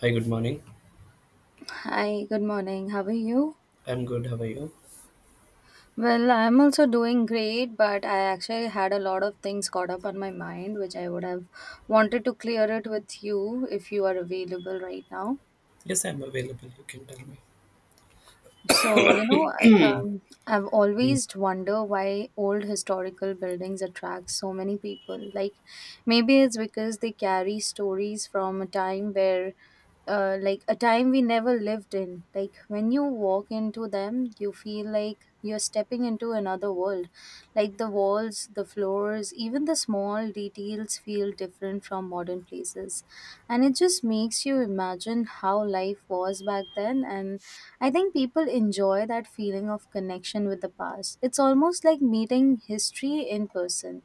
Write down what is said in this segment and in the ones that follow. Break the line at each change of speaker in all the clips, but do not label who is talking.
Hi, good morning.
Hi, good morning. How are you?
I'm good. How are you?
Well, I'm also doing great, but I actually had a lot of things caught up on my mind, which I would have wanted to clear it with you if you are available right now.
Yes, I'm available. You can tell me.
So, you know, I've
Yeah.
always wondered why old historical buildings attract so many people. Like, maybe it's because they carry stories from a time where, like, a time we never lived in. Like, when you walk into them, you feel like you're stepping into another world. Like, the walls, the floors, even the small details feel different from modern places. And it just makes you imagine how life was back then, and I think people enjoy that feeling of connection with the past. It's almost like meeting history in person.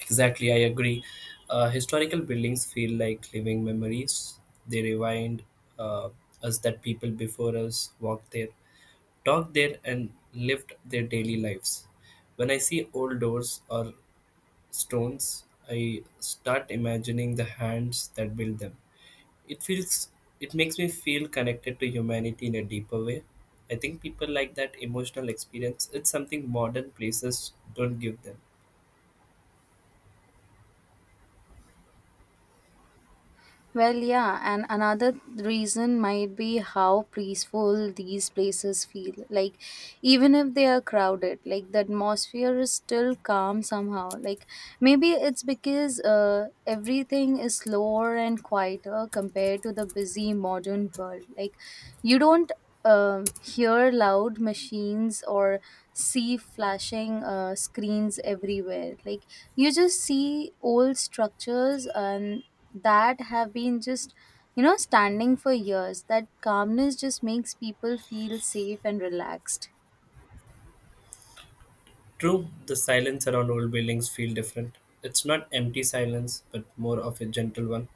Exactly, I agree. Historical buildings feel like living memories. They remind uh, us that people before us walked there, talked there, and lived their daily lives. When I see old doors or stones, I start imagining the hands that built them it feels it makes me feel connected to humanity in a deeper way. I think people like that emotional experience. It's something modern places don't give them.
Well, yeah, and another reason might be how peaceful these places feel. Like, even if they are crowded, like the atmosphere is still calm somehow. Like, maybe it's because everything is slower and quieter compared to the busy modern world. Like, you don't hear loud machines or see flashing screens everywhere. Like, you just see old structures and that have been just, you know, standing for years. That calmness just makes people feel safe and relaxed.
True, the silence around old buildings feel different. It's not empty silence, but more of a gentle one.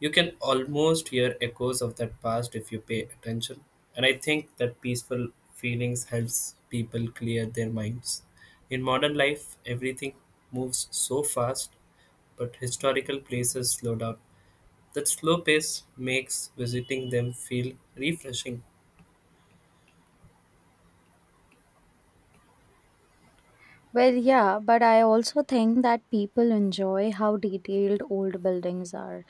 You can almost hear echoes of that past if you pay attention. And I think that peaceful feelings helps people clear their minds. In modern life, everything moves so fast, but historical places slow down. That slow pace makes visiting them feel refreshing.
Well, yeah, but I also think that people enjoy how detailed old buildings are.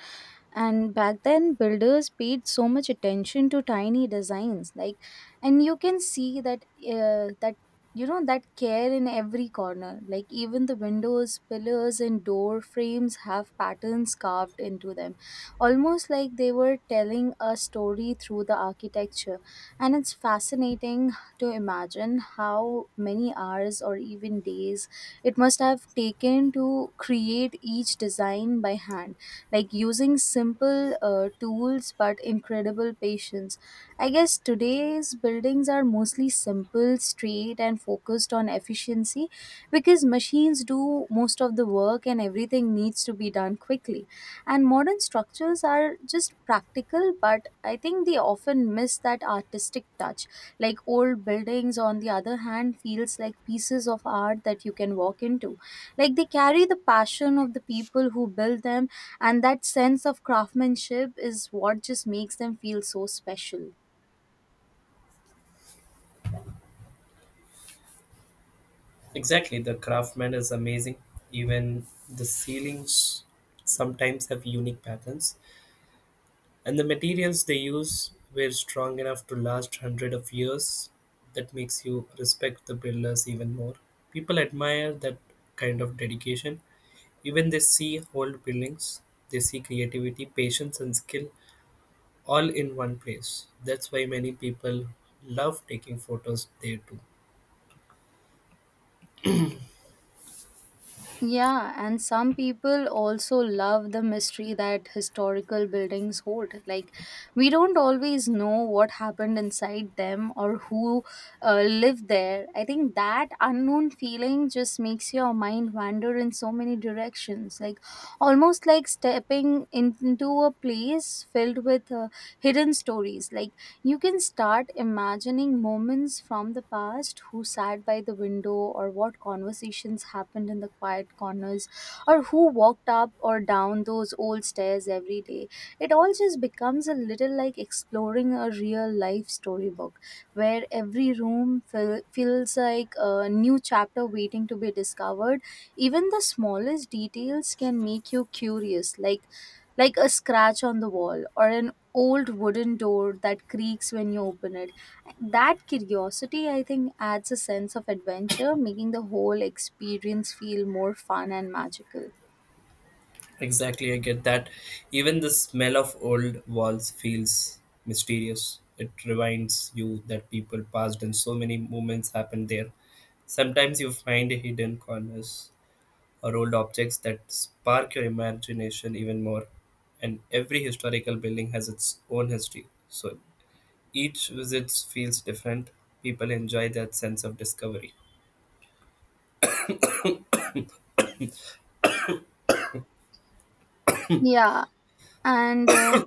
And back then, builders paid so much attention to tiny designs, like, and you can see that, you know, that care in every corner. Like even the windows, pillars, and door frames have patterns carved into them, almost like they were telling a story through the architecture. And it's fascinating to imagine how many hours or even days it must have taken to create each design by hand, like using simple tools but incredible patience. I guess today's buildings are mostly simple, straight, and focused on efficiency because machines do most of the work and everything needs to be done quickly. And modern structures are just practical, but I think they often miss that artistic touch. Like old buildings, on the other hand, feels like pieces of art that you can walk into, like they carry the passion of the people who built them, and that sense of craftsmanship is what just makes them feel so special.
Exactly, the craftsman is amazing. Even the ceilings sometimes have unique patterns, and the materials they use were strong enough to last hundred of years. That makes you respect the builders even more. People admire that kind of dedication. Even they see old buildings, they see creativity, patience, and skill all in one place. That's why many people love taking photos there too.
Yeah, and some people also love the mystery that historical buildings hold. Like, we don't always know what happened inside them or who lived there. I think that unknown feeling just makes your mind wander in so many directions. Like, almost like stepping into a place filled with hidden stories. Like, you can start imagining moments from the past, who sat by the window, or what conversations happened in the quiet corners, or who walked up or down those old stairs every day. It all just becomes a little like exploring a real life storybook where every room feels like a new chapter waiting to be discovered. Even the smallest details can make you curious, like a scratch on the wall or an old wooden door that creaks when you open it. That curiosity, I think, adds a sense of adventure, making the whole experience feel more fun and magical.
Exactly, I get that. Even the smell of old walls feels mysterious. It reminds you that people passed and so many moments happened there. Sometimes you find hidden corners or old objects that spark your imagination even more. And every historical building has its own history. So each visit feels different. People enjoy that sense of discovery.
Yeah, and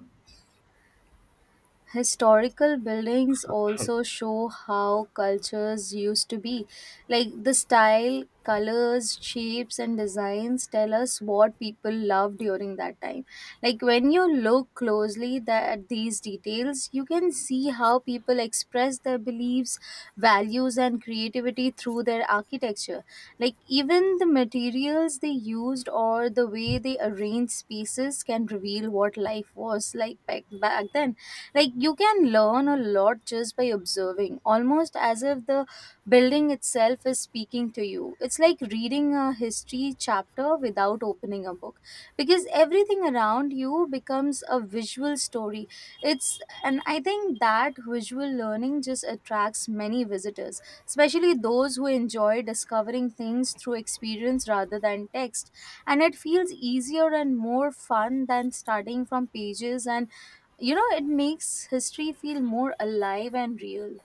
historical buildings also show how cultures used to be, like the style, colors, shapes, and designs tell us what people loved during that time. Like when you look closely at these details, you can see how people express their beliefs, values, and creativity through their architecture. Like even the materials they used or the way they arranged spaces can reveal what life was like back then. Like you can learn a lot just by observing, almost as if the building itself is speaking to you. It's like reading a history chapter without opening a book because everything around you becomes a visual story. It's and I think that visual learning just attracts many visitors, especially those who enjoy discovering things through experience rather than text. And it feels easier and more fun than studying from pages, and, you know, it makes history feel more alive and real.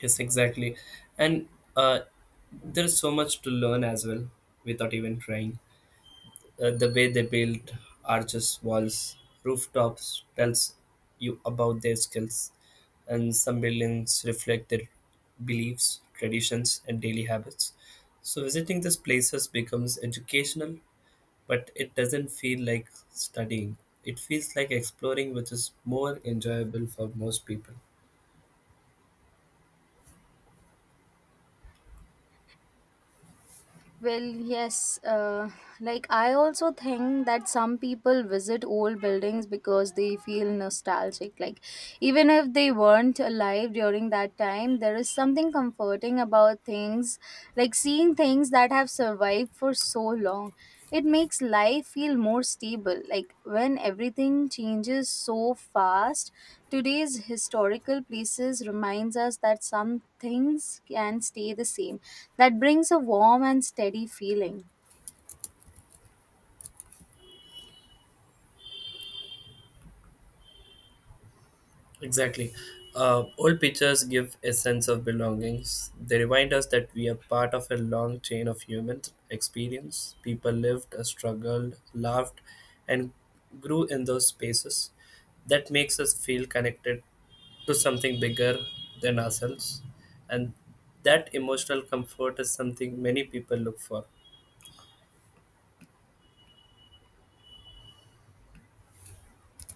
Yes, exactly. And uh, there's so much to learn as well without even trying. The way they build arches, walls, rooftops tells you about their skills. And some buildings reflect their beliefs, traditions, and daily habits. So visiting these places becomes educational, but it doesn't feel like studying. It feels like exploring, which is more enjoyable for most people.
Well, yes. Like, I also think that some people visit old buildings because they feel nostalgic. Like, even if they weren't alive during that time, there is something comforting about things, like seeing things that have survived for so long. It makes life feel more stable. Like, when everything changes so fast, today's historical places reminds us that some things can stay the same, that brings a warm and steady feeling.
Exactly. Old pictures give a sense of belongings. They remind us that we are part of a long chain of human experience. People lived, struggled, laughed, and grew in those spaces. That makes us feel connected to something bigger than ourselves. And that emotional comfort is something many people look for.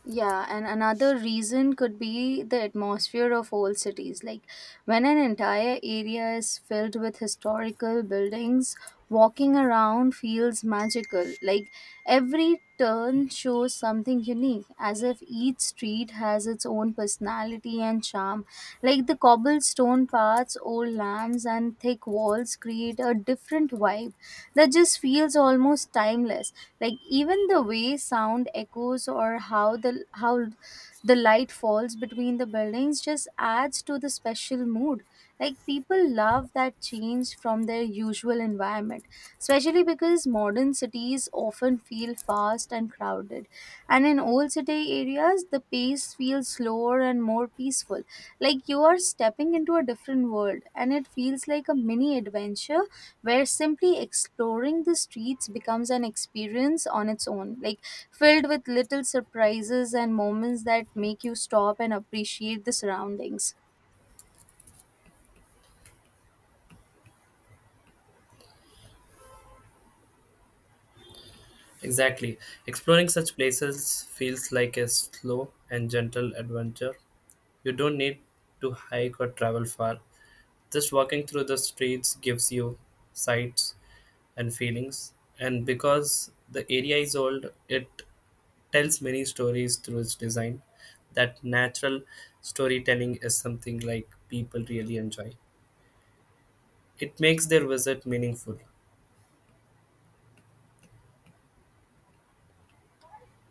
Yeah, and another reason could be the atmosphere of old cities. Like when an entire area is filled with historical buildings, walking around feels magical. Like every turn shows something unique, as if each street has its own personality and charm. Like the cobblestone paths, old lamps, and thick walls create a different vibe that just feels almost timeless. Like even the way sound echoes, or how the light falls between the buildings, just adds to the special mood. Like people love that change from their usual environment, especially because modern cities often feel fast and crowded. And in old city areas, the pace feels slower and more peaceful. Like you are stepping into a different world, and it feels like a mini adventure where simply exploring the streets becomes an experience on its own, like filled with little surprises and moments that make you stop and appreciate the surroundings.
Exactly. Exploring such places feels like a slow and gentle adventure. You don't need to hike or travel far. Just walking through the streets gives you sights and feelings. And because the area is old, it tells many stories through its design. That natural storytelling is something like people really enjoy. It makes their visit meaningful.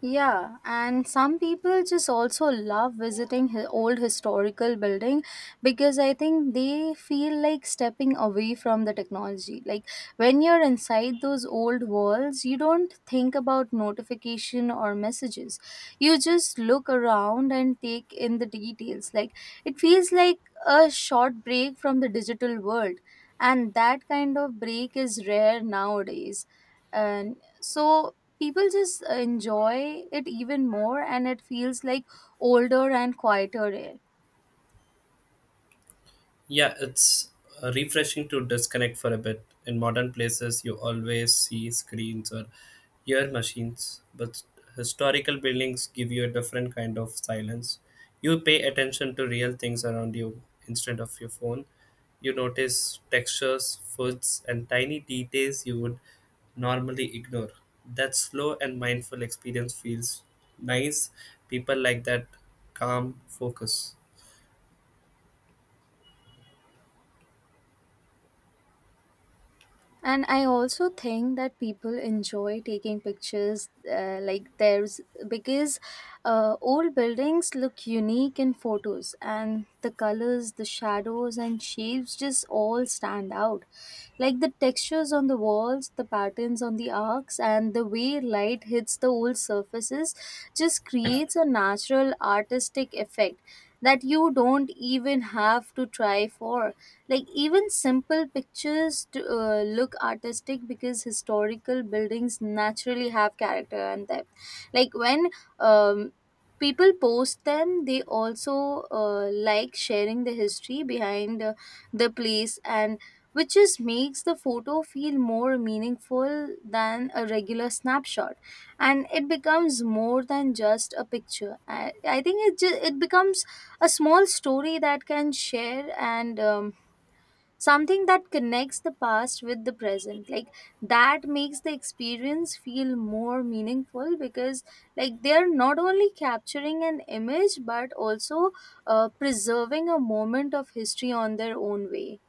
Yeah, and some people just also love visiting old historical building because I think they feel like stepping away from the technology. Like when you're inside those old walls, you don't think about notification or messages. You just look around and take in the details. Like it feels like a short break from the digital world, and that kind of break is rare nowadays. And so people just enjoy it even more, and it feels like older and quieter air.
Yeah, it's refreshing to disconnect for a bit. In modern places, you always see screens or ear machines, but historical buildings give you a different kind of silence. You pay attention to real things around you instead of your phone. You notice textures, foods, and tiny details you would normally ignore. That slow and mindful experience feels nice. People like that calm focus.
And I also think that people enjoy taking pictures, like there's because old buildings look unique in photos, and the colors, the shadows, and shapes just all stand out. Like the textures on the walls, the patterns on the arcs, and the way light hits the old surfaces just creates a natural artistic effect that you don't even have to try for. Like even simple pictures to, look artistic because historical buildings naturally have character and depth. Like when um, people post them, they also like sharing the history behind the place, and which just makes the photo feel more meaningful than a regular snapshot. And it becomes more than just a picture. I think it just, it becomes a small story that can share, and something that connects the past with the present. Like that makes the experience feel more meaningful because like they're not only capturing an image but also preserving a moment of history on their own way.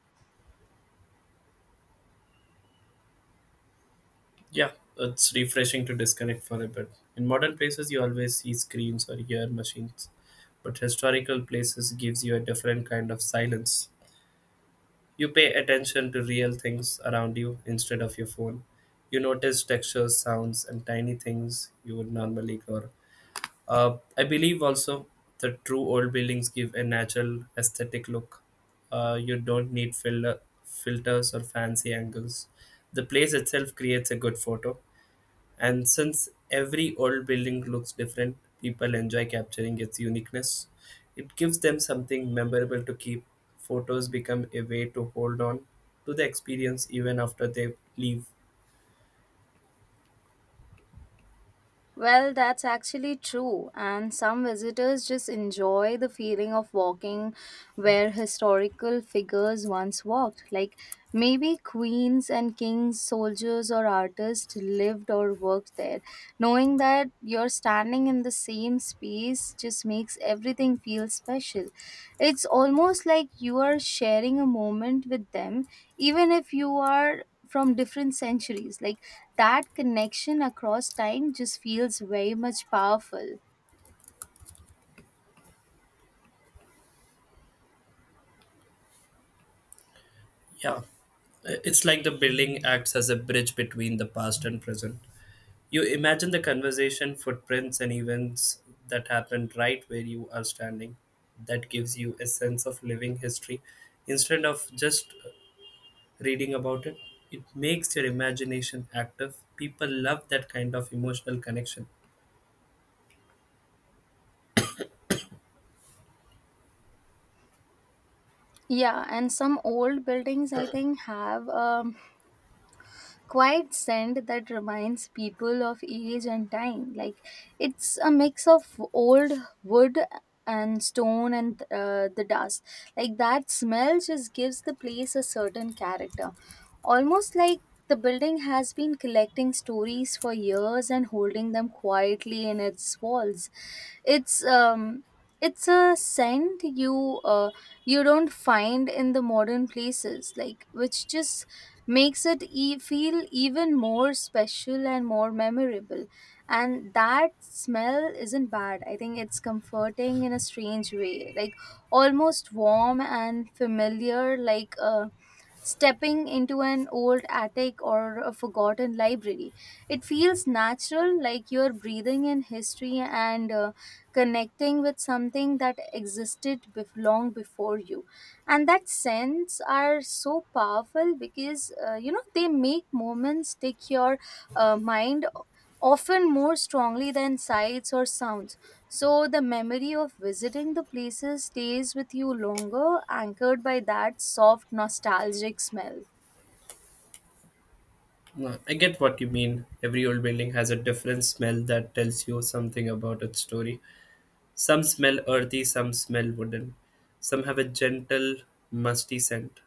Yeah, it's refreshing to disconnect for a bit. In modern places, you always see screens or hear machines, but historical places gives you a different kind of silence. You pay attention to real things around you instead of your phone. You notice textures, sounds, and tiny things you would normally ignore. I believe also the true old buildings give a natural aesthetic look. You don't need filters or fancy angles. The place itself creates a good photo, and since every old building looks different, people enjoy capturing its uniqueness. It gives them something memorable to keep. Photos become a way to hold on to the experience even after they leave.
Well, that's actually true, and some visitors just enjoy the feeling of walking where historical figures once walked. Like maybe queens and kings, soldiers, or artists lived or worked there. Knowing that you're standing in the same space just makes everything feel special. It's almost like you are sharing a moment with them, even if you are from different centuries. Like that connection across time just feels very much powerful.
Yeah, it's like the building acts as a bridge between the past and present. You imagine the conversation, footprints, and events that happened right where you are standing. That gives you a sense of living history instead of just reading about it. It makes your imagination active. People love that kind of emotional connection.
Yeah, and some old buildings I think have a quiet scent that reminds people of age and time. Like it's a mix of old wood and stone and the dust. Like that smell just gives the place a certain character. Almost like the building has been collecting stories for years and holding them quietly in its walls. It's um it's a scent you don't find in the modern places, like which just makes it feel even more special and more memorable. And that smell isn't bad. I think it's comforting in a strange way, like almost warm and familiar, like a stepping into an old attic or a forgotten library. It feels natural, like you're breathing in history and connecting with something that existed long before you. And that sense are so powerful because, you know, they make moments take your mind often more strongly than sights or sounds, so the memory of visiting the places stays with you longer, anchored by that soft nostalgic smell.
No, I get what you mean. Every old building has a different smell that tells you something about its story. Some smell earthy, some smell wooden. Some have a gentle, musty scent.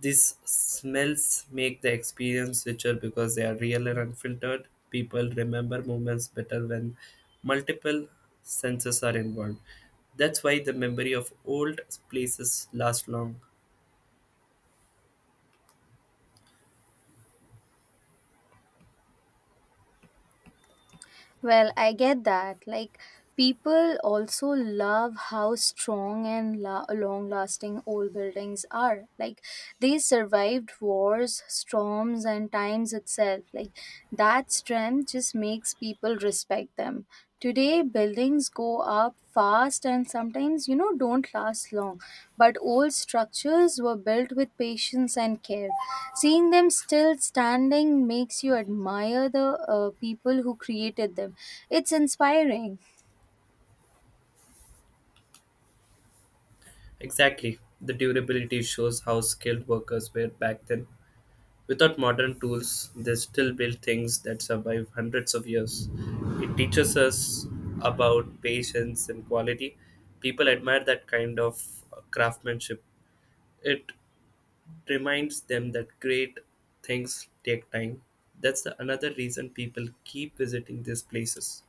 These smells make the experience richer because they are real and unfiltered. People remember moments better when multiple senses are involved. That's why the memory of old places lasts long.
Well, I get that. Like people also love how strong and long-lasting old buildings are. Like they survived wars, storms, and times itself. Like that strength just makes people respect them. Today, buildings go up fast and sometimes, you know, don't last long. But old structures were built with patience and care. Seeing them still standing makes you admire the people who created them. It's inspiring.
Exactly. The durability shows how skilled workers were back then. Without modern tools, they still build things that survive hundreds of years. It teaches us about patience and quality. People admire that kind of craftsmanship. It reminds them that great things take time. That's the another reason people keep visiting these places.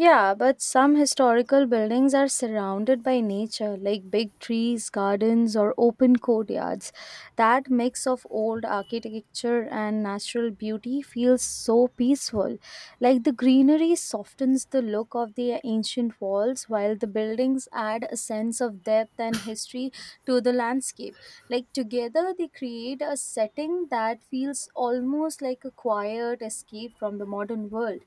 Yeah, but some historical buildings are surrounded by nature, like big trees, gardens, or open courtyards. That mix of old architecture and natural beauty feels so peaceful. Like, the greenery softens the look of the ancient walls, while the buildings add a sense of depth and history to the landscape. Like together, they create a setting that feels almost like a quiet escape from the modern world,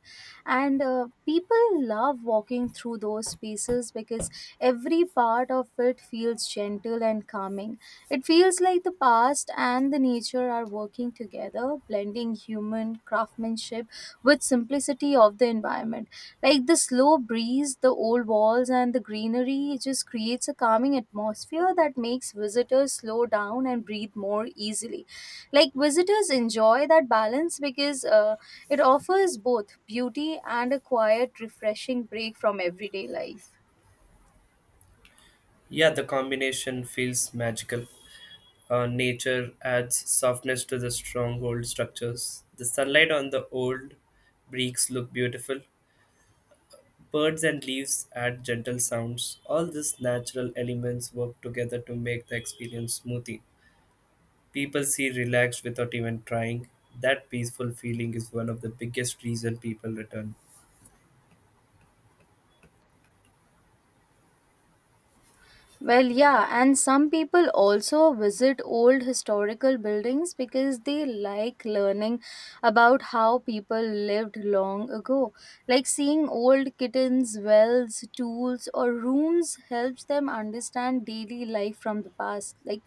and people love walking through those spaces because every part of it feels gentle and calming. It feels like the past and the nature are working together, blending human craftsmanship with simplicity of the environment. Like the slow breeze, the old walls, and the greenery, it just creates a calming atmosphere that makes visitors slow down and breathe more easily. Like visitors enjoy that balance because it offers both beauty and a quiet, refreshing break from everyday life.
Yeah, the combination feels magical. Nature adds softness to the stronghold structures. The sunlight on the old bricks look beautiful. Birds and leaves add gentle sounds. All these natural elements work together to make the experience smoothie. People see relaxed without even trying. That peaceful feeling is one of the biggest reason people return.
Well, yeah, and some people also visit old historical buildings because they like learning about how people lived long ago. Like, seeing old kittens, wells, tools, or rooms helps them understand daily life from the past. Like,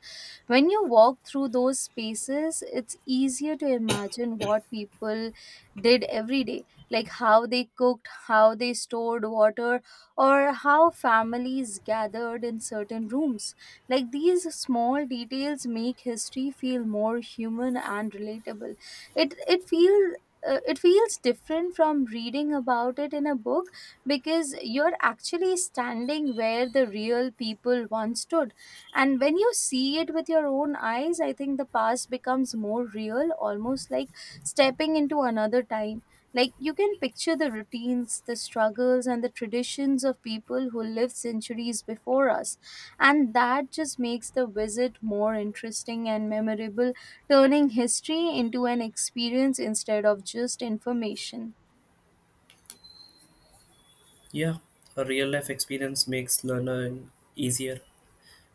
when you walk through those spaces, it's easier to imagine what people did every day, like how they cooked, how they stored water, or how families gathered in certain rooms. Like, these small details make history feel more human and relatable. It it feels it feels different from reading about it in a book, because you're actually standing where the real people once stood, and when you see it with your own eyes, I think the past becomes more real, almost like stepping into another time. Like, you can picture the routines, the struggles, and the traditions of people who lived centuries before us. And that just makes the visit more interesting and memorable, turning history into an experience instead of just information.
Yeah, a real life experience makes learning easier.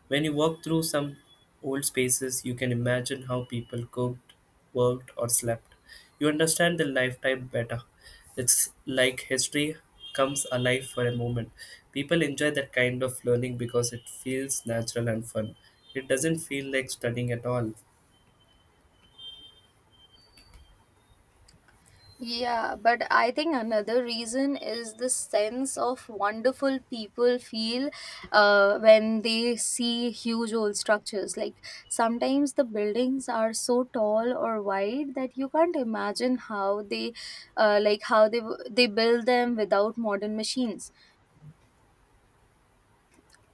When you walk through some old spaces, you can imagine how people cooked, worked, or slept. You understand their lifetime better. It's like history comes alive for a moment. People enjoy that kind of learning because it feels natural and fun. It doesn't feel like studying at all.
Yeah, but I think another reason is the sense of wonderful people feel when they see huge old structures. Like, sometimes the buildings are so tall or wide that you can't imagine how they, like how they build them without modern machines.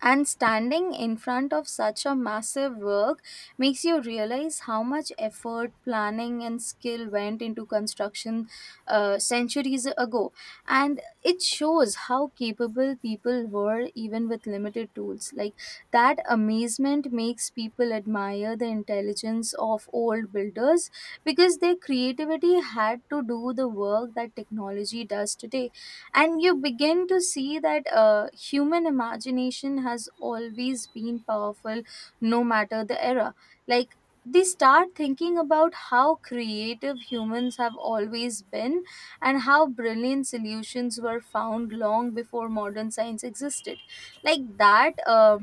And standing in front of such a massive work makes you realize how much effort, planning, and skill went into construction centuries ago. And it shows how capable people were even with limited tools. Like, that amazement makes people admire the intelligence of old builders, because their creativity had to do the work that technology does today, and you begin to see that human imagination has always been powerful, no matter the era. Like, they start thinking about how creative humans have always been, and how brilliant solutions were found long before modern science existed. like that uh,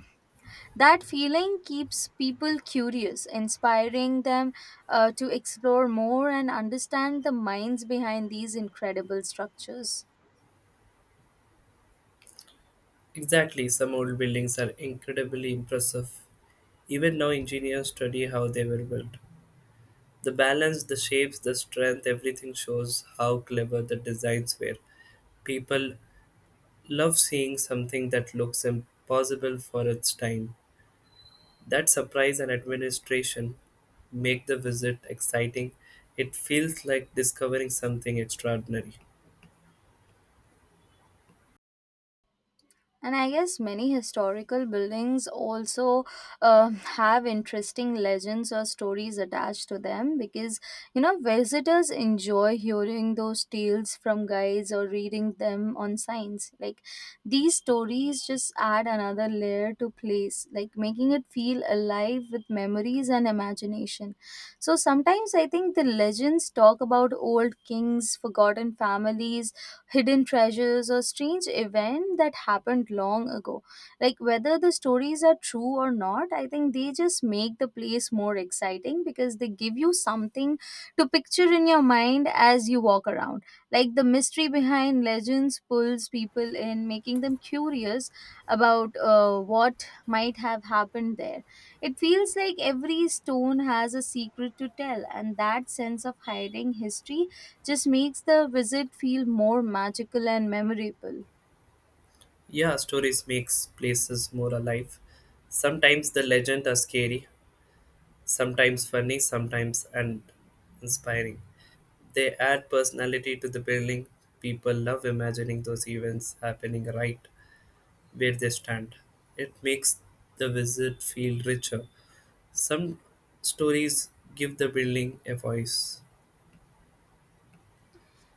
that feeling keeps people curious, inspiring them to explore more and understand the minds behind these incredible structures.
Exactly, some old buildings are incredibly impressive. Even now, engineers study how they were built. The balance, the shapes, the strength, everything shows how clever the designs were. People love seeing something that looks impossible for its time. That surprise and administration make the visit exciting. It feels like discovering something extraordinary.
And I guess many historical buildings also have interesting legends or stories attached to them because, you know, visitors enjoy hearing those tales from guides or reading them on signs. Like, these stories just add another layer to place, like making it feel alive with memories and imagination. So sometimes I think the legends talk about old kings, forgotten families, hidden treasures, or strange event that happened long ago. Like, whether the stories are true or not, I think they just make the place more exciting because they give you something to picture in your mind as you walk around. Like, the mystery behind legends pulls people in, making them curious about what might have happened there. It feels like every stone has a secret to tell, and that sense of hiding history just makes the visit feel more magical and memorable.
Yeah, stories makes places more alive. Sometimes the legends are scary, sometimes funny, sometimes and inspiring. They add personality to the building. People love imagining those events happening right where they stand. It makes the visit feel richer. Some stories give the building a voice.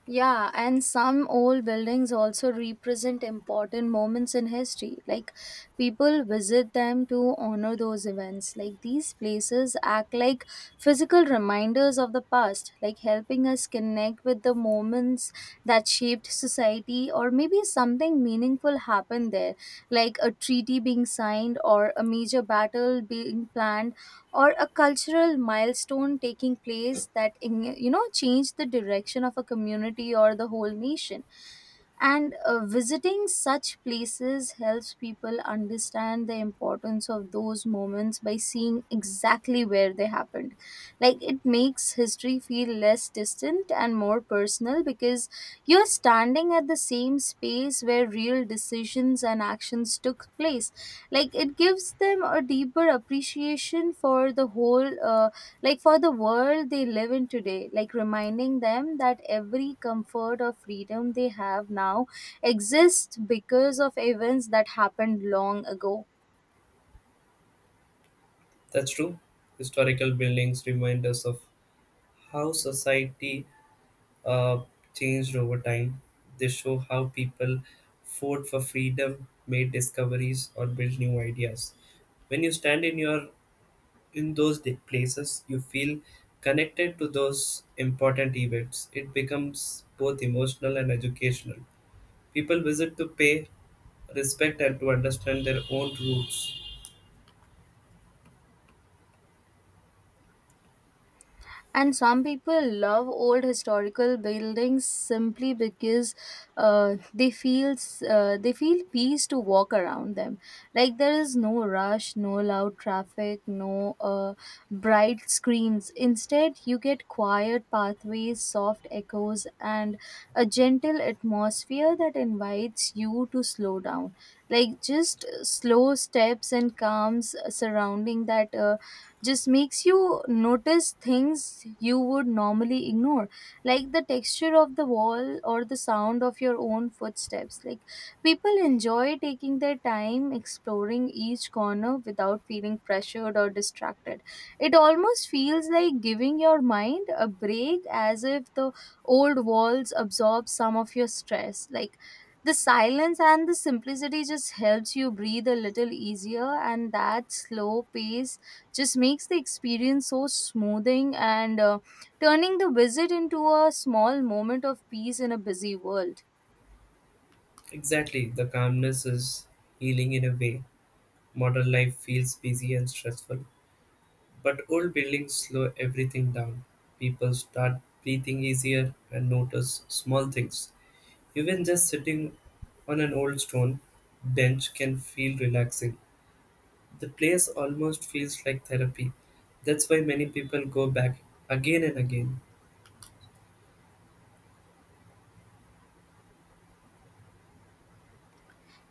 Yeah, and some old buildings also represent important moments in history. Like, people visit them to honor those events. Like, these places act like physical reminders of the past, like helping us connect with the moments that shaped society, or maybe something meaningful happened there, like a treaty being signed, or a major battle being planned, or a cultural milestone taking place that you know changed the direction of a community or the whole nation. And visiting such places helps people understand the importance of those moments by seeing exactly where they happened. Like, it makes history feel less distant and more personal, because you're standing at the same space where real decisions and actions took place. Like, it gives them a deeper appreciation for the whole like for the world they live in today, like reminding them that every comfort or freedom they have now exists because of events that happened long ago.
That's true. Historical buildings remind us of how society uh, changed over time. They show how people fought for freedom, made discoveries, or built new ideas. When you stand in those places, you feel connected to those important events. It becomes both emotional and educational. People visit to pay respect and to understand their own roots.
And some people love old historical buildings simply because uh, they feel they feel peace to walk around them. Like, there is no rush, no loud traffic, no bright screens. Instead, you get quiet pathways, soft echoes, and a gentle atmosphere that invites you to slow down. Like, just slow steps and calms surrounding that just makes you notice things you would normally ignore, like the texture of the wall or the sound of your own footsteps. Like, people enjoy taking their time exploring each corner without feeling pressured or distracted. It almost feels like giving your mind a break, as if the old walls absorb some of your stress. Like, the silence and the simplicity just helps you breathe a little easier, and that slow pace just makes the experience so smoothing, and turning the visit into a small moment of peace in a busy world.
Exactly, the calmness is healing in a way. Modern life feels busy and stressful, but old buildings slow everything down. People start breathing easier and notice small things. Even just sitting on an old stone bench can feel relaxing. The place almost feels like therapy. That's why many people go back again and again.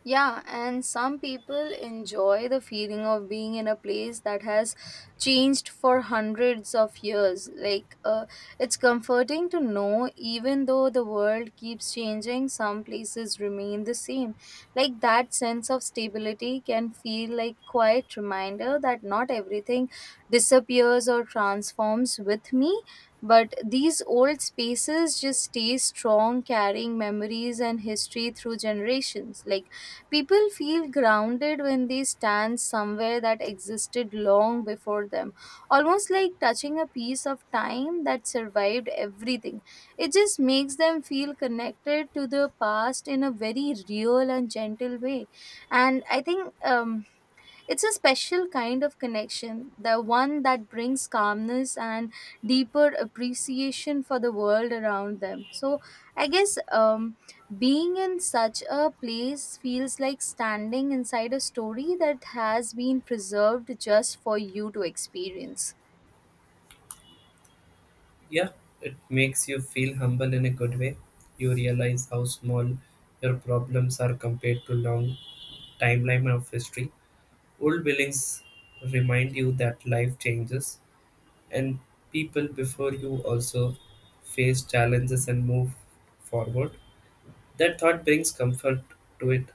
Yeah, and some people enjoy the feeling of being in a place that has changed for hundreds of years. Like, it's comforting to know even though the world keeps changing, some places remain the same. Like, that sense of stability can feel like quiet reminder that not everything disappears or transforms with me. But these old spaces just stay strong, carrying memories and history through generations. Like, people feel grounded when they stand somewhere that existed long before them, almost like touching a piece of time that survived everything. It just makes them feel connected to the past in a very real and gentle way. And I think it's a special kind of connection, the one that brings calmness and deeper appreciation for the world around them. So, I guess being in such a place feels like standing inside a story that has been preserved just for you to experience.
Yeah, it makes you feel humble in a good way. You realize how small your problems are compared to long timeline of history. Old buildings remind you that life changes, and people before you also face challenges and move forward. That thought brings comfort to it.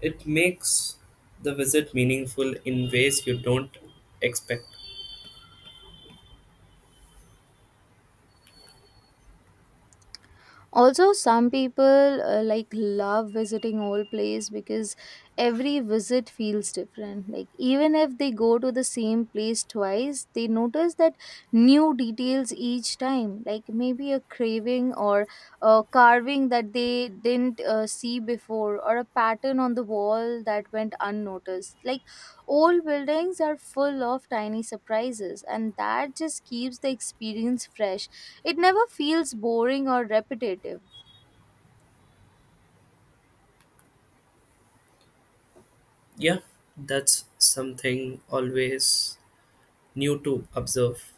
It makes the visit meaningful in ways you don't expect.
Also, some people like love visiting old place because every visit feels different. Like, even if they go to the same place twice, they notice that new details each time, like maybe a craving or a carving that they didn't see before, or a pattern on the wall that went unnoticed. Like, old buildings are full of tiny surprises, and that just keeps the experience fresh. It never feels boring or repetitive.
Yeah, that's something always new to observe.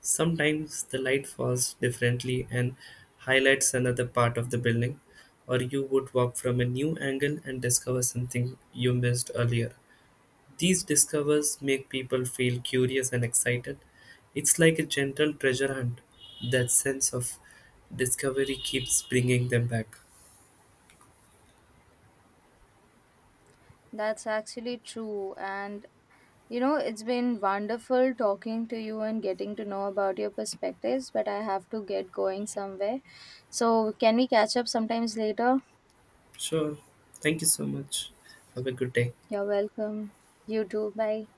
Sometimes the light falls differently and highlights another part of the building, or you would walk from a new angle and discover something you missed earlier. These discovers make people feel curious and excited. It's like a gentle treasure hunt. That sense of discovery keeps bringing them back.
That's actually true. And you know, it's been wonderful talking to you and getting to know about your perspectives, but I have to get going somewhere. So, can we catch up sometimes later?
Sure. Thank you so much. Have a good day.
You're welcome. You too. Bye.